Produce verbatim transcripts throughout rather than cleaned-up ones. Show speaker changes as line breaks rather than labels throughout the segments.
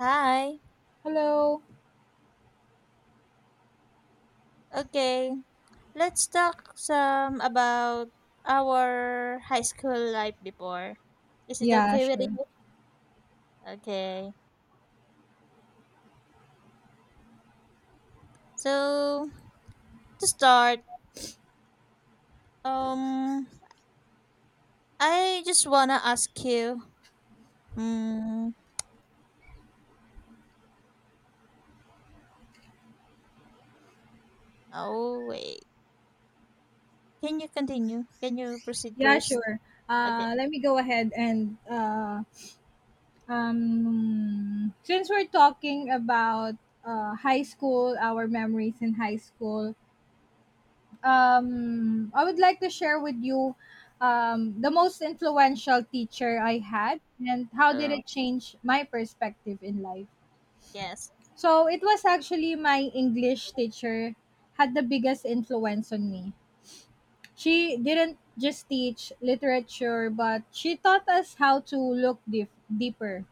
Hi.
Hello.
Okay, let's talk some about our high school life before. Is it
Yeah,
okay with
sure.
you? Okay. So to start, um, I just wanna ask you. Um, oh wait, can you continue? Can you proceed
Yeah,
first?
sure.
Okay.
Uh, let me go ahead and uh, um, since we're talking about uh, high school, our memories in high school, um, I would like to share with you um, the most influential teacher I had and how did
Oh
it change my perspective in life.
yes.
So it was actually my English teacher had the biggest influence on me. She didn't just teach literature, but she taught us how to look deep, deeper,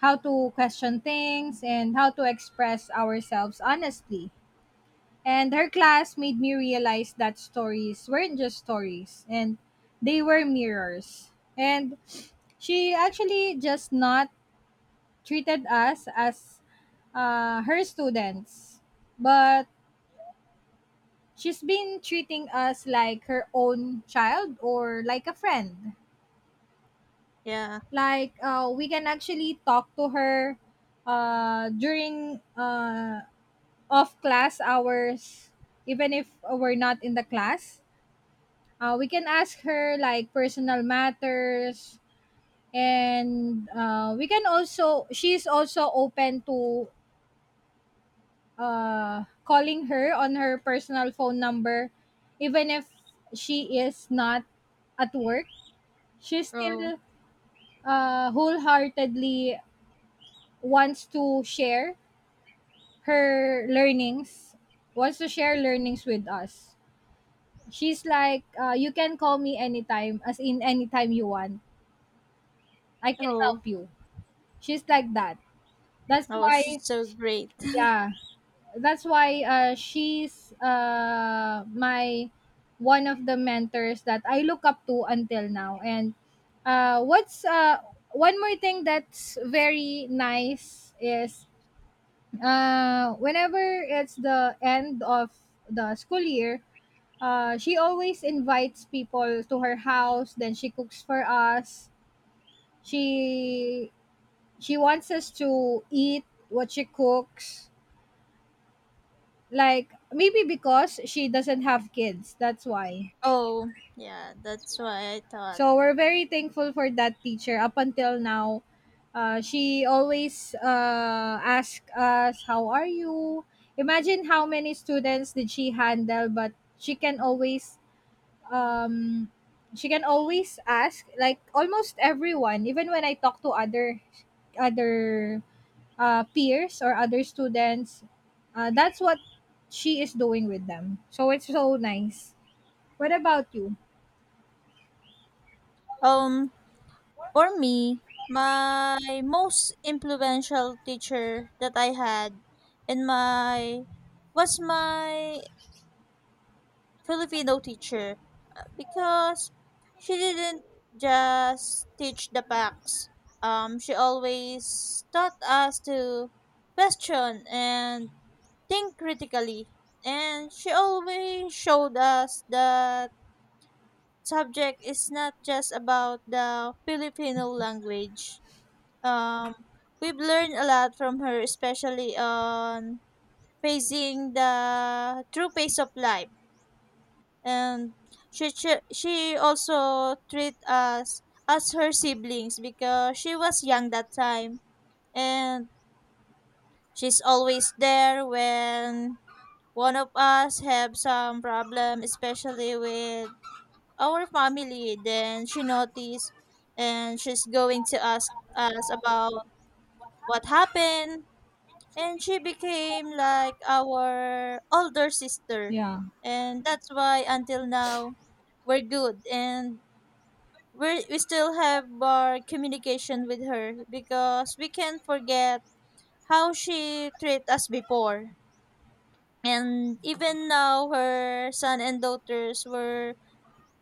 how to question things, and how to express ourselves honestly. And her class made me realize that stories weren't just stories, and they were mirrors. And she actually just not treated us as uh, her students, but she's been treating us like her own child or like a friend.
Yeah.
Like uh, we can actually talk to her uh, during uh, off class hours, even if we're not in the class, uh, we can ask her like personal matters, and uh, we can also, she's also open to uh, calling her on her personal phone number, even if she is not at work, she
Oh,
still uh, wholeheartedly wants to share her learnings wants to share learnings with us. She's like, uh, you can call me anytime, as in anytime you want, I can
oh,
help you. She's like that. That's
oh, she's
why,
so great.
yeah, that's why uh, she's uh, my one of the mentors that I look up to until now. And uh, what's uh, one more thing that's very nice is uh, whenever it's the end of the school year, Uh, she always invites people to her house, then she cooks for us. She she wants us to eat what she cooks. Like maybe because she doesn't have kids, that's why.
Oh yeah, that's why I thought.
So we're very thankful for that teacher up until now. Uh, she always uh, asks us, how are you? Imagine how many students did she handle, but she can always um she can always ask like almost everyone, even when I talk to other other uh, peers or other students. Uh, that's what she is doing with them, so it's so nice. What about you?
Um, For me, my most influential teacher that I had in my was my Filipino teacher because she didn't just teach the facts. Um, she always taught us to question and think critically. And she always showed us that subject is not just about the Filipino language, um, we've learned a lot from her, especially on facing the true pace of life. And she she, she also treat us as her siblings because she was young that time, and she's always there when one of us have some problem, especially with our family. Then she noticed, and she's going to ask us about what happened, and she became like our older sister.
Yeah,
And that's why until now we're good, and we're, we still have our communication with her because we can't forget how she treated us before. And even now her son and daughters were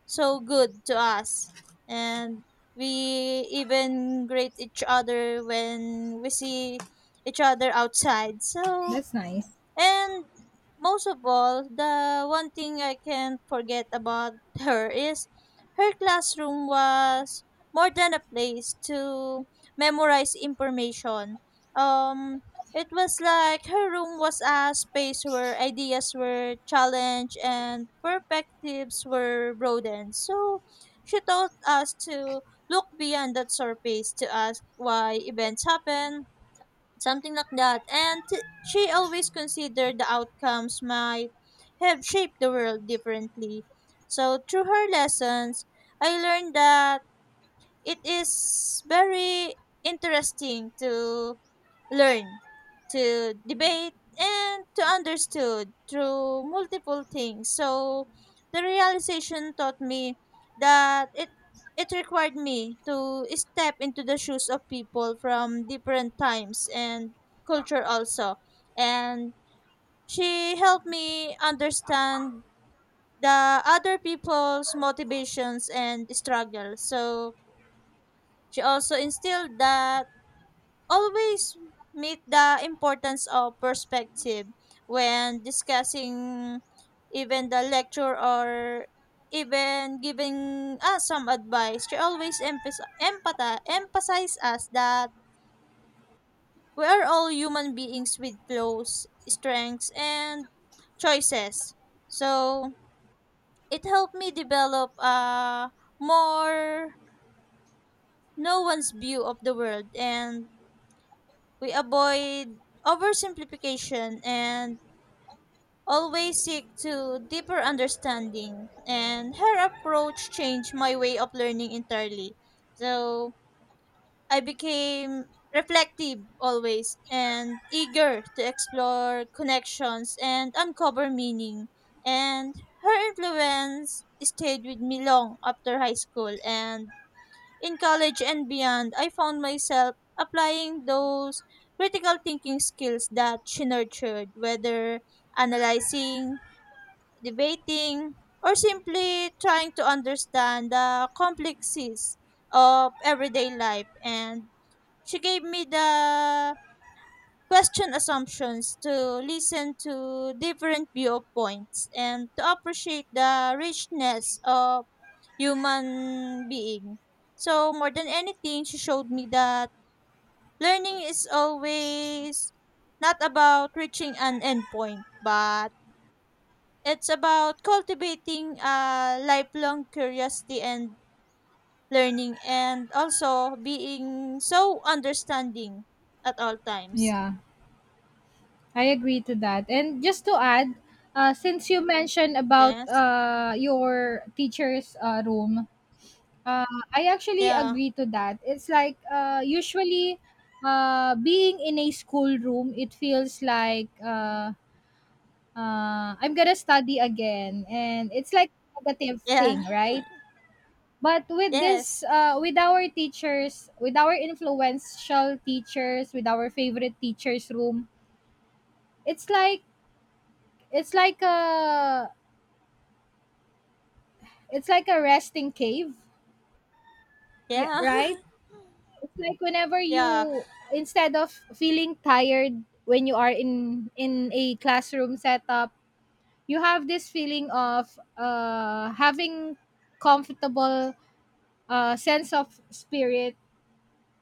so good to us, and we even greet each other when we see each other outside. So,
that's nice.
and most of all, the one thing I can't forget about her is her classroom was more than a place to memorize information. Um, it was like her room was a space where ideas were challenged and perspectives were broadened. So she taught us to look beyond that surface, to ask why events happen, something like that. And t- she always considered the outcomes might have shaped the world differently. So through her lessons, I learned that it is very interesting to learn, to debate, and to understood through multiple things. So the realization taught me that it it required me to step into the shoes of people from different times and culture also. And she helped me understand the other people's motivations and struggles. So she also instilled that always meet the importance of perspective when discussing even the lecture or even giving us some advice. She always emphas- empathi- emphasize us that we are all human beings with flaws, strengths, and choices. So it helped me develop a more no one's view of the world, and we avoid oversimplification and always seek to deeper understanding. And her approach changed my way of learning entirely. So I became reflective always and eager to explore connections and uncover meaning. And her influence stayed with me long after high school, and in college and beyond, I found myself applying those critical thinking skills that she nurtured, whether analyzing, debating, or simply trying to understand the complexities of everyday life. And she gave me the question assumptions to listen to different viewpoints and to appreciate the richness of human being. So more than anything, she showed me that learning is always not about reaching an endpoint, but it's about cultivating a lifelong curiosity and learning, and also being so understanding at all times.
Yeah, I agree to that. And just to add, uh, since you mentioned about
Yes.
uh, your teacher's uh, room, Uh, I actually
Yeah.
agree to that. It's like uh, usually uh, being in a schoolroom, it feels like uh, uh, I'm gonna study again, and it's like a negative
Yeah.
thing, right? But with this,
Yes.
uh, with our teachers, with our influential teachers, with our favorite teachers' room, it's like it's like a it's like a resting cave, yeah,
Yeah.
right? It's like whenever
yeah.
you, instead of feeling tired when you are in in a classroom setup, you have this feeling of uh having comfortable uh sense of spirit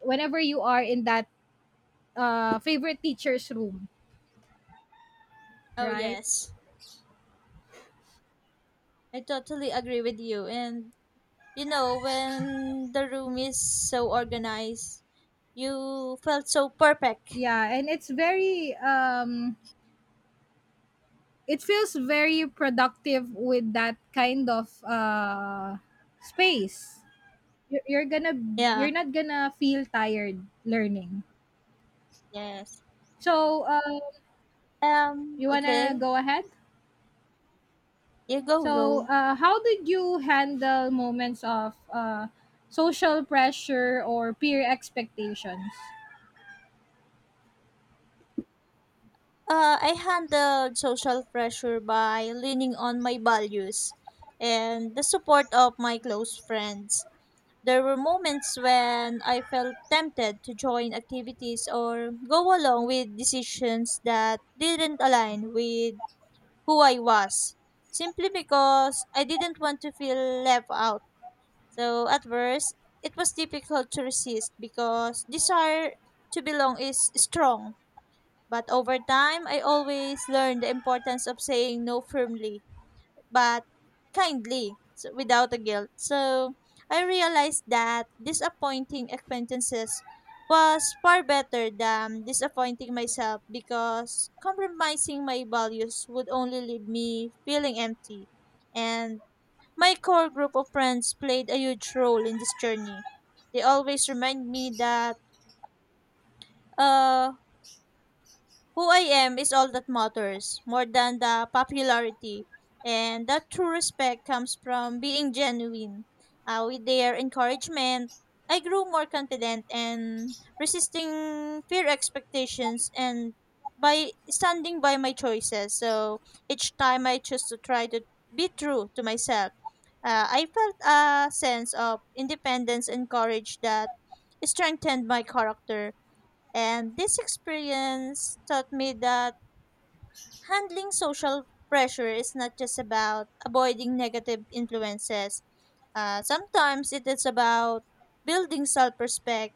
whenever you are in that uh favorite teacher's room,
Oh
right?
yes. I totally agree with you. And you know, when the room is so organized, you felt so perfect.
Yeah, and it's very um it feels very productive with that kind of uh space. You're, you're gonna,
Yeah.
you're not gonna feel tired learning.
Yes.
So, uh,
Um,
you wanna
okay.
go ahead?
Yeah, go,
So,
go.
uh, how did you handle moments of uh, social pressure or peer expectations?
Uh, I handled social pressure by leaning on my values and the support of my close friends. There were moments when I felt tempted to join activities or go along with decisions that didn't align with who I was, simply because I didn't want to feel left out. So at first, it was difficult to resist because desire to belong is strong. But over time, I always learned the importance of saying no firmly but kindly, so without a guilt. So I realized that disappointing acquaintances was far better than disappointing myself, because compromising my values would only leave me feeling empty. And my core group of friends played a huge role in this journey. They always remind me that uh, who I am is all that matters, more than the popularity. And that true respect comes from being genuine. Uh, with their encouragement, I grew more confident and resisting fear expectations and by standing by my choices. So each time I choose to try to be true to myself, uh, I felt a sense of independence and courage that strengthened my character. And this experience taught me that handling social pressure is not just about avoiding negative influences. Uh, sometimes it is about building self respect.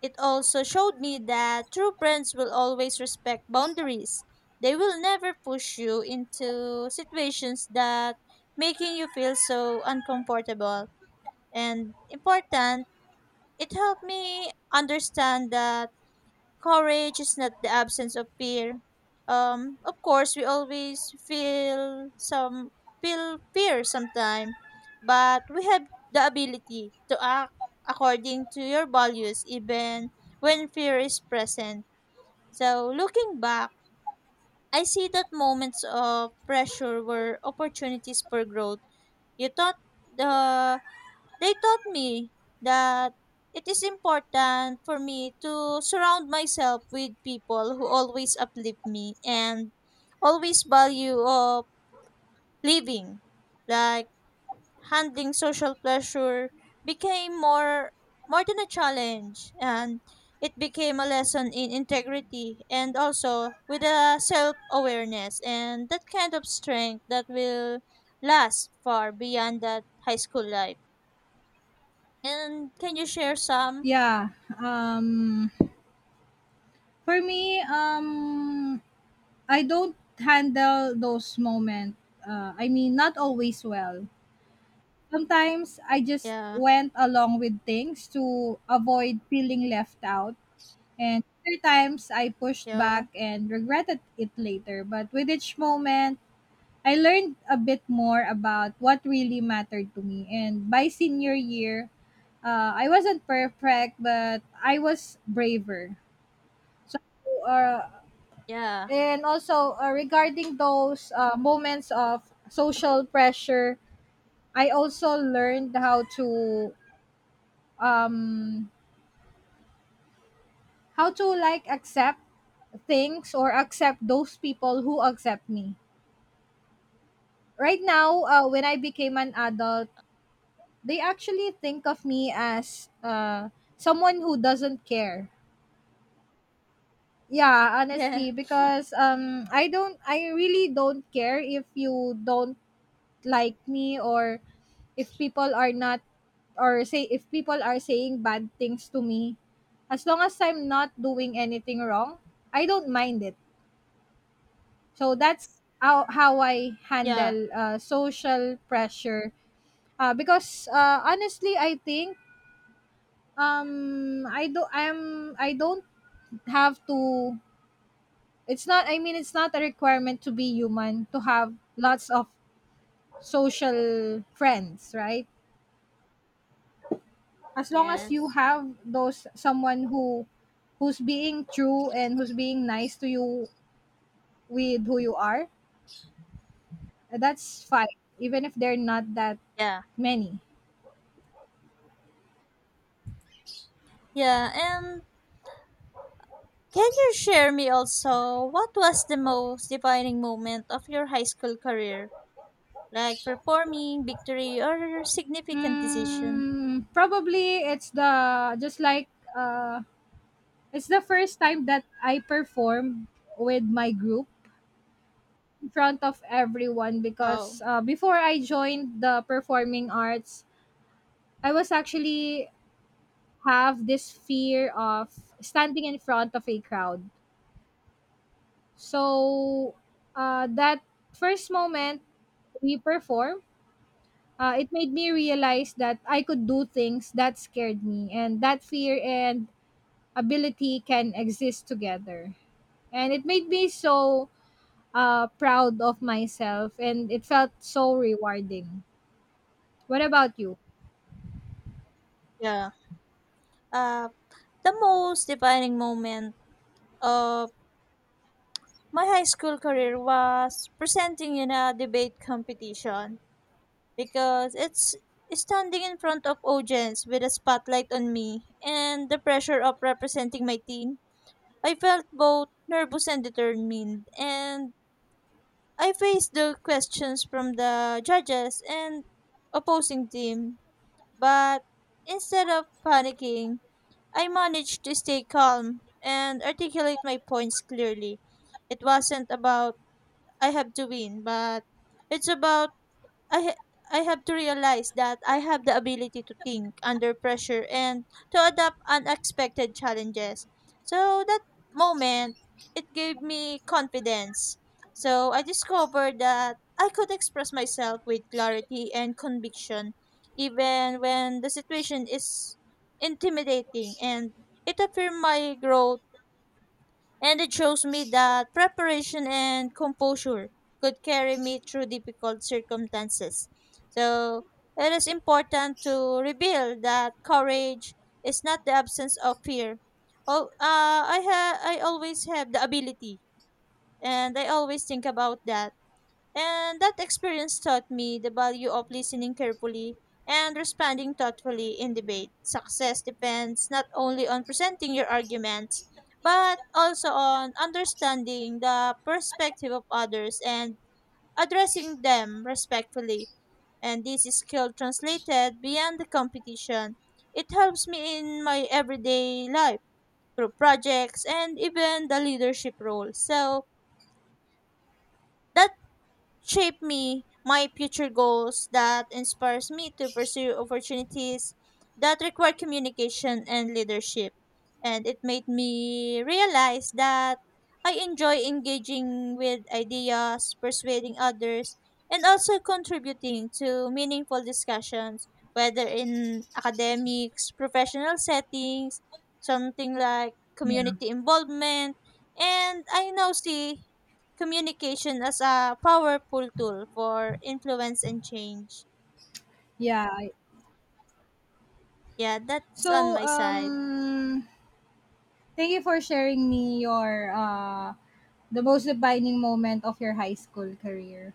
It also showed me that true friends will always respect boundaries. They will never push you into situations that making you feel so uncomfortable. And important, it helped me understand that courage is not the absence of fear. Um, of course, we always feel some feel fear sometimes, but we have the ability to act according to your values even when fear is present. So, looking back, I see that moments of pressure were opportunities for growth. You thought the They taught me that it is important for me to surround myself with people who always uplift me, and always value of living. Like handling social pressure became more more than a challenge, and it became a lesson in integrity and also with a self awareness and that kind of strength that will last far beyond that high school life. And can you share some?
Yeah. Um, for me, um, I don't handle those moments. Uh, I mean, not always well. Sometimes I just
Yeah,
went along with things to avoid feeling left out. And other times I pushed
yeah,
back and regretted it later. But with each moment, I learned a bit more about what really mattered to me. And by senior year, uh, I wasn't perfect, but I was braver. So, uh,
yeah,
and also uh, regarding those uh, moments of social pressure, I also learned how to um, how to like accept things or accept those people who accept me. Right now, uh, when I became an adult, they actually think of me as uh someone who doesn't care. Yeah,
yeah,
honestly, because um I don't I really don't care if you don't like me, or if people are not, or say if people are saying bad things to me. As long as I'm not doing anything wrong, I don't mind it. So that's how, how I
yeah,
handle uh, social pressure. Uh, because uh, honestly, I think um I do I'm I don't have to, it's not, I mean, it's not a requirement to be human to have lots of social friends, right? As long as you
yes,
have those someone who, who's being true and who's being nice to you with who you are, that's fine, even if they're not that
yeah,
many.
yeah. And can you share me also what was the most defining moment of your high school career? Like performing, victory, or significant decision?
Mm, probably it's the just like uh it's the first time that I performed with my group front of everyone,
Oh,
because uh, before I joined the performing arts, I was actually have this fear of standing in front of a crowd. So uh, that first moment we perform, uh, it made me realize that I could do things that scared me, and that fear and ability can exist together. And it made me so uh, proud of myself, and it felt so rewarding. What about you?
yeah. Uh, the most defining moment of my high school career was presenting in a debate competition. Because it's standing in front of audience with a spotlight on me and the pressure of representing my team. I felt both nervous and determined, and I faced the questions from the judges and opposing team. But instead of panicking, I managed to stay calm and articulate my points clearly. It wasn't about I have to win, but it's about I ha- I have to realize that I have the ability to think under pressure and to adapt unexpected challenges. So that moment, it gave me confidence. So I discovered that I could express myself with clarity and conviction even when the situation is intimidating, and it affirmed my growth. And it shows me that preparation and composure could carry me through difficult circumstances. So it is important to reveal that courage is not the absence of fear. Oh, uh, I ha- I always have the ability, and I always think about that. And that experience taught me the value of listening carefully and responding thoughtfully in debate. Success depends not only on presenting your arguments, but also on understanding the perspective of others and addressing them respectfully. And this skill translated beyond the competition. It helps me in my everyday life, group projects, and even the leadership role. So, that shape me my future goals that inspires me to pursue opportunities that require communication and leadership, and it made me realize that I enjoy engaging with ideas, persuading others, and also contributing to meaningful discussions, whether in academics, professional settings, something like community involvement. And I now see communication as a powerful tool for influence and change.
Yeah. I-
Yeah, that's on
So,
my side.
um, thank you for sharing me your uh, the most defining moment of your high school career.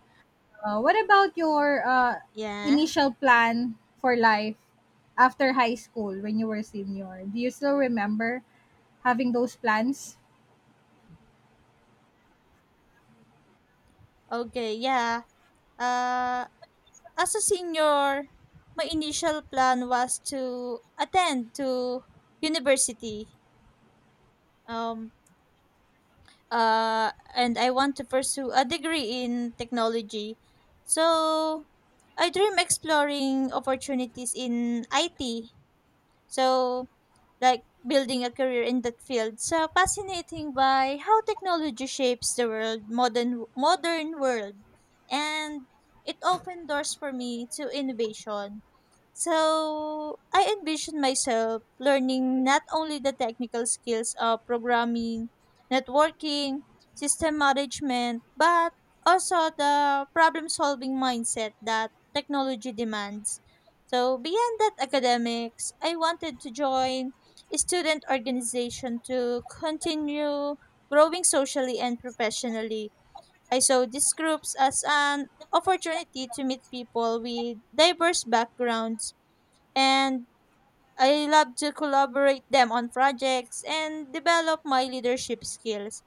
Uh, what about your uh,
Yeah.
initial plan for life after high school when you were senior? Do you still remember having those plans?
Okay, yeah. Uh, as a senior, my initial plan was to attend to university. Um, uh, and I want to pursue a degree in technology. So, I dream exploring opportunities in I T. So, like building a career in that field. So fascinating by how technology shapes the world, modern modern world, and it opened doors for me to innovation. So I envision myself learning not only the technical skills of programming, networking, system management, but also the problem solving mindset that technology demands. So beyond that academics, I wanted to join student organization to continue growing socially and professionally. I saw these groups as an opportunity to meet people with diverse backgrounds, and I love to collaborate them on projects and develop my leadership skills.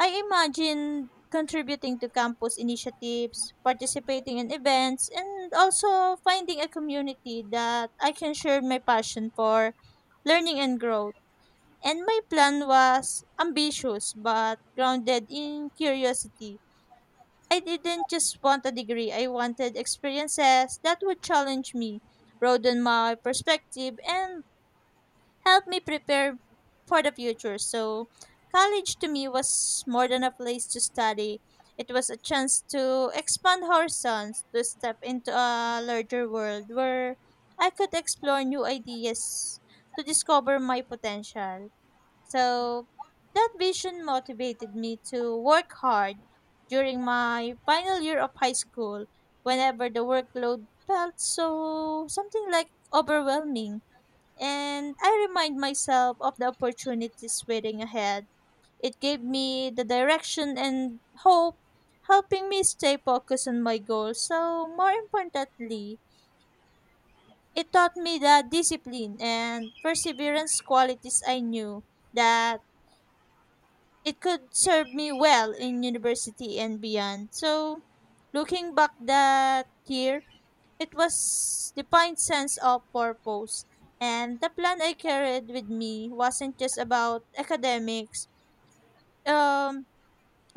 I imagine contributing to campus initiatives, participating in events, and also finding a community that I can share my passion for learning and growth. And my plan was ambitious but grounded in curiosity. I didn't just want a degree, I wanted experiences that would challenge me, broaden my perspective, and help me prepare for the future. So, college to me was more than a place to study. It was a chance to expand horizons, to step into a larger world where I could explore new ideas, to discover my potential. So that vision motivated me to work hard during my final year of high school whenever the workload felt so something like overwhelming. And I remind myself of the opportunities waiting ahead. It gave me the direction and hope, helping me stay focused on my goals. So, more importantly, it taught me the discipline and perseverance qualities I knew that it could serve me well in university and beyond. So, looking back that year, it was the defined sense of purpose. And the plan I carried with me wasn't just about academics. Um,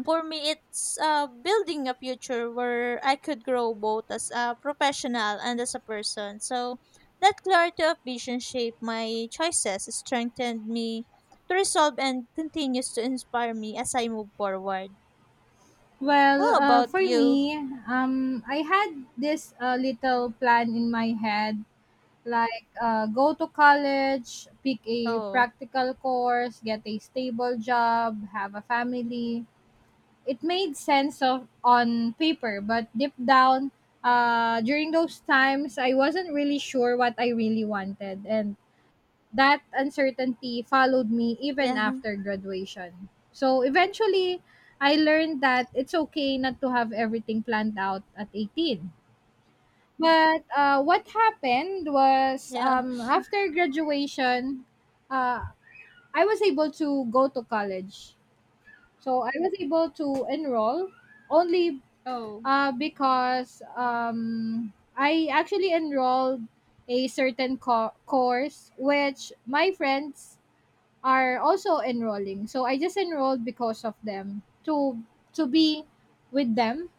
for me, it's uh, building a future where I could grow both as a professional and as a person. So, that clarity of vision shaped my choices, strengthened me to resolve, and continues to inspire me as I move forward.
Well,
How
uh,
about
for
you?
me, um, I had this uh, little plan in my head, like, uh, go to college, pick a
Oh,
practical course, get a stable job, have a family. It made sense of on paper, but deep down, uh, during those times, I wasn't really sure what I really wanted, and that uncertainty followed me even
yeah,
after graduation. So eventually, I learned that it's okay not to have everything planned out at eighteen. But uh, what happened was,
yeah.
um, after graduation, uh, I was able to go to college. So I was able to enroll only
Oh,
uh, because um, I actually enrolled a certain co- course which my friends are also enrolling. So I just enrolled because of them to to be with them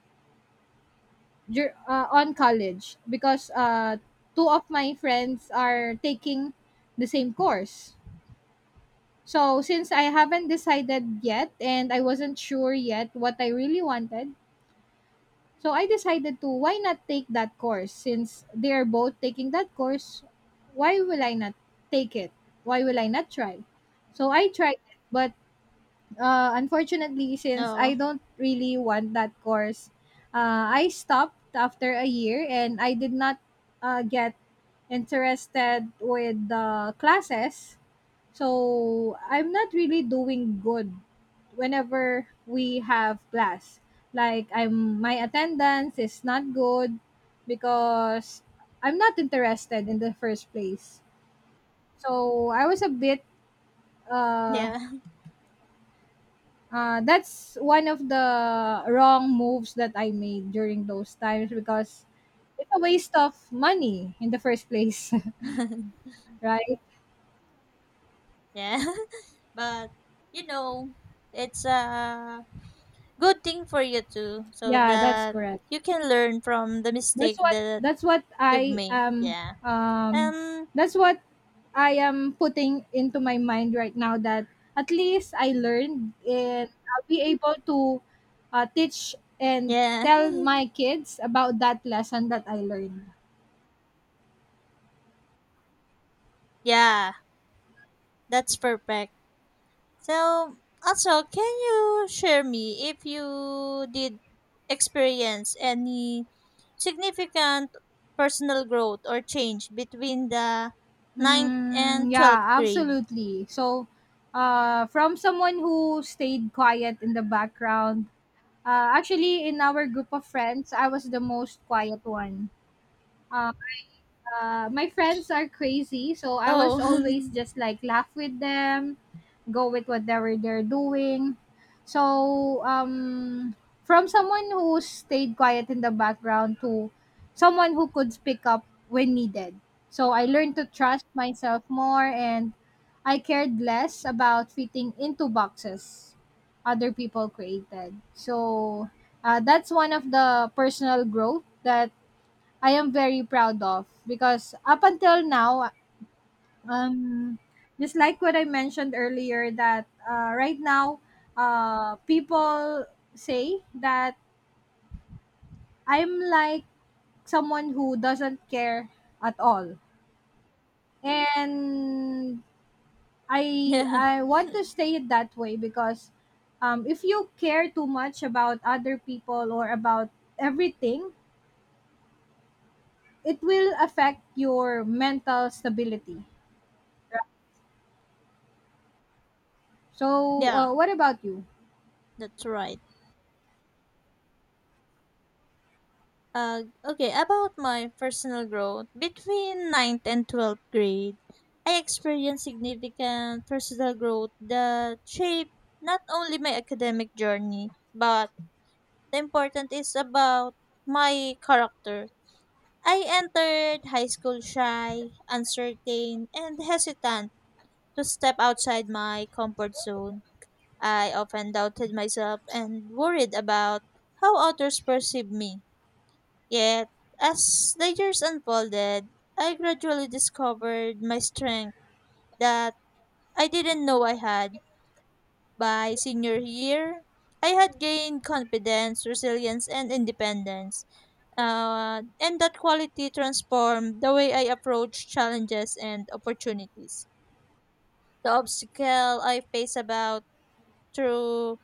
dur- uh, on college, because uh, two of my friends are taking the same course. So since I haven't decided yet and I wasn't sure yet what I really wanted, so I decided to, why not take that course since they are both taking that course? Why will I not take it? Why will I not try? So I tried it, but uh, unfortunately, since I
no,
don't really want that course, uh, I stopped after a year and I did not uh, get interested with the classes. So I'm not really doing good whenever we have class. Like I'm, my attendance is not good because I'm not interested in the first place. So I was a bit uh
yeah,
Uh, that's one of the wrong moves that I made during those times, because it's a waste of money in the first place, right?
yeah. But you know, it's a good thing for you too, so
Yeah, that's
that
correct.
you can learn from the
That's
mistake
what
that
that's what
you've
I
made.
am,
Yeah.
um
Um.
that's what I am putting into my mind right now, that at least I learned and I'll be able to uh, teach and
Yeah.
tell my kids about that lesson that I learned.
yeah. That's perfect. So, also, can you share me if you did experience any significant personal growth or change between the ninth
Mm,
and twelfth
yeah,
grade?
absolutely. So, uh, from someone who stayed quiet in the background, uh, actually, in our group of friends, I was the most quiet one. Uh, uh, my friends are crazy, so I was
Oh,
always just like laugh with them, go with whatever they're doing. So, um, from someone who stayed quiet in the background to someone who could speak up when needed. So, I learned to trust myself more and I cared less about fitting into boxes other people created. So, uh, that's one of the personal growth that I am very proud of, because up until now, um just like what I mentioned earlier, that uh, right now uh people say that I'm like someone who doesn't care at all, and I
yeah,
I want to stay it that way, because um, if you care too much about other people or about everything, it will affect your mental stability. So
yeah,
uh, what about you?
that's right. Uh, okay, about my personal growth between ninth and twelfth grade, I experienced significant personal growth that shaped not only my academic journey but the important is about my character. I entered high school shy, uncertain, and hesitant to step outside my comfort zone. I often doubted myself and worried about how others perceived me. Yet, as the years unfolded, I gradually discovered my strength that I didn't know I had. By senior year, I had gained confidence, resilience, and independence. Uh, and that quality transformed the way I approach challenges and opportunities. The obstacle I face about through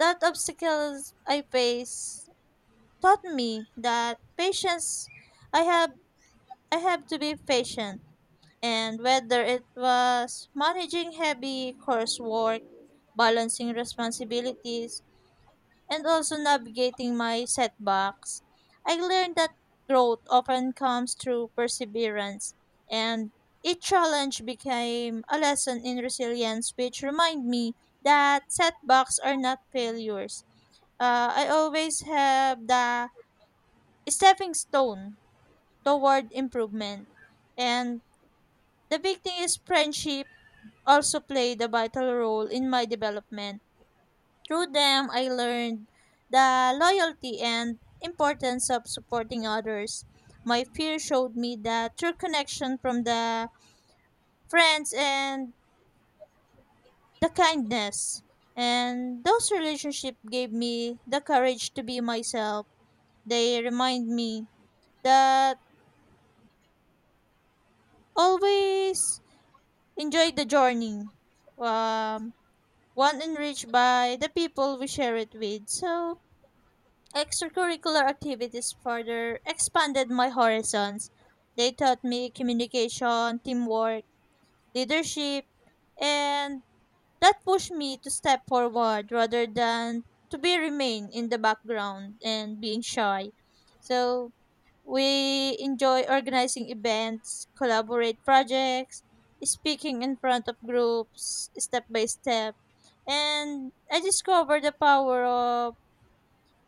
That obstacles I face taught me that patience I have I have to be patient, and whether it was managing heavy coursework, balancing responsibilities, and also navigating my setbacks, I learned that growth often comes through perseverance, and each challenge became a lesson in resilience, which remind me that setbacks are not failures. Uh, I always have the stepping stone toward improvement, and the big thing is friendship also played a vital role in my development. Through them, I learned the loyalty and importance of supporting others. My fear showed me the true connection from the friends and the kindness. And those relationships gave me the courage to be myself. They remind me that always enjoy the journey. Um, one enriched by the people we share it with. So, extracurricular activities further expanded my horizons. They taught me communication, teamwork, leadership, and that pushed me to step forward rather than to be remain in the background and being shy. So we enjoy organizing events, collaborate projects, speaking in front of groups step by step, and I discovered the power of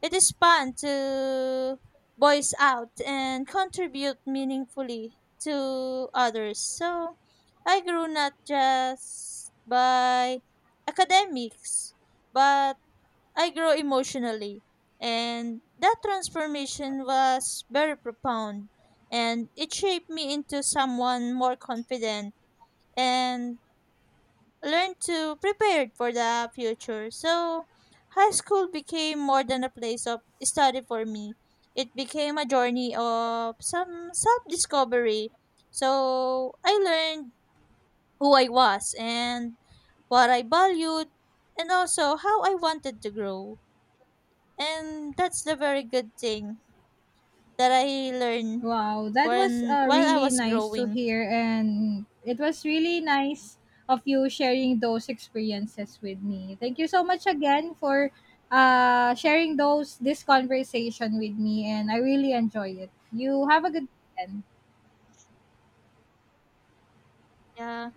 it is fun to voice out and contribute meaningfully to others. So I grew not just by academics, but I grew emotionally. And that transformation was very profound and it shaped me into someone more confident and learn to prepare for the future. So, high school became more than a place of study for me. It became a journey of some self discovery. So, I learned who I was and what I valued, and also how I wanted to grow. And that's the very good thing that I learned
Wow, that was
when
uh,
while I
really
was
nice to
growing.
hear, and it was really nice of you sharing those experiences with me. Thank you so much again for uh, sharing those this conversation with me, and I really enjoy it. You have a good weekend.
Yeah.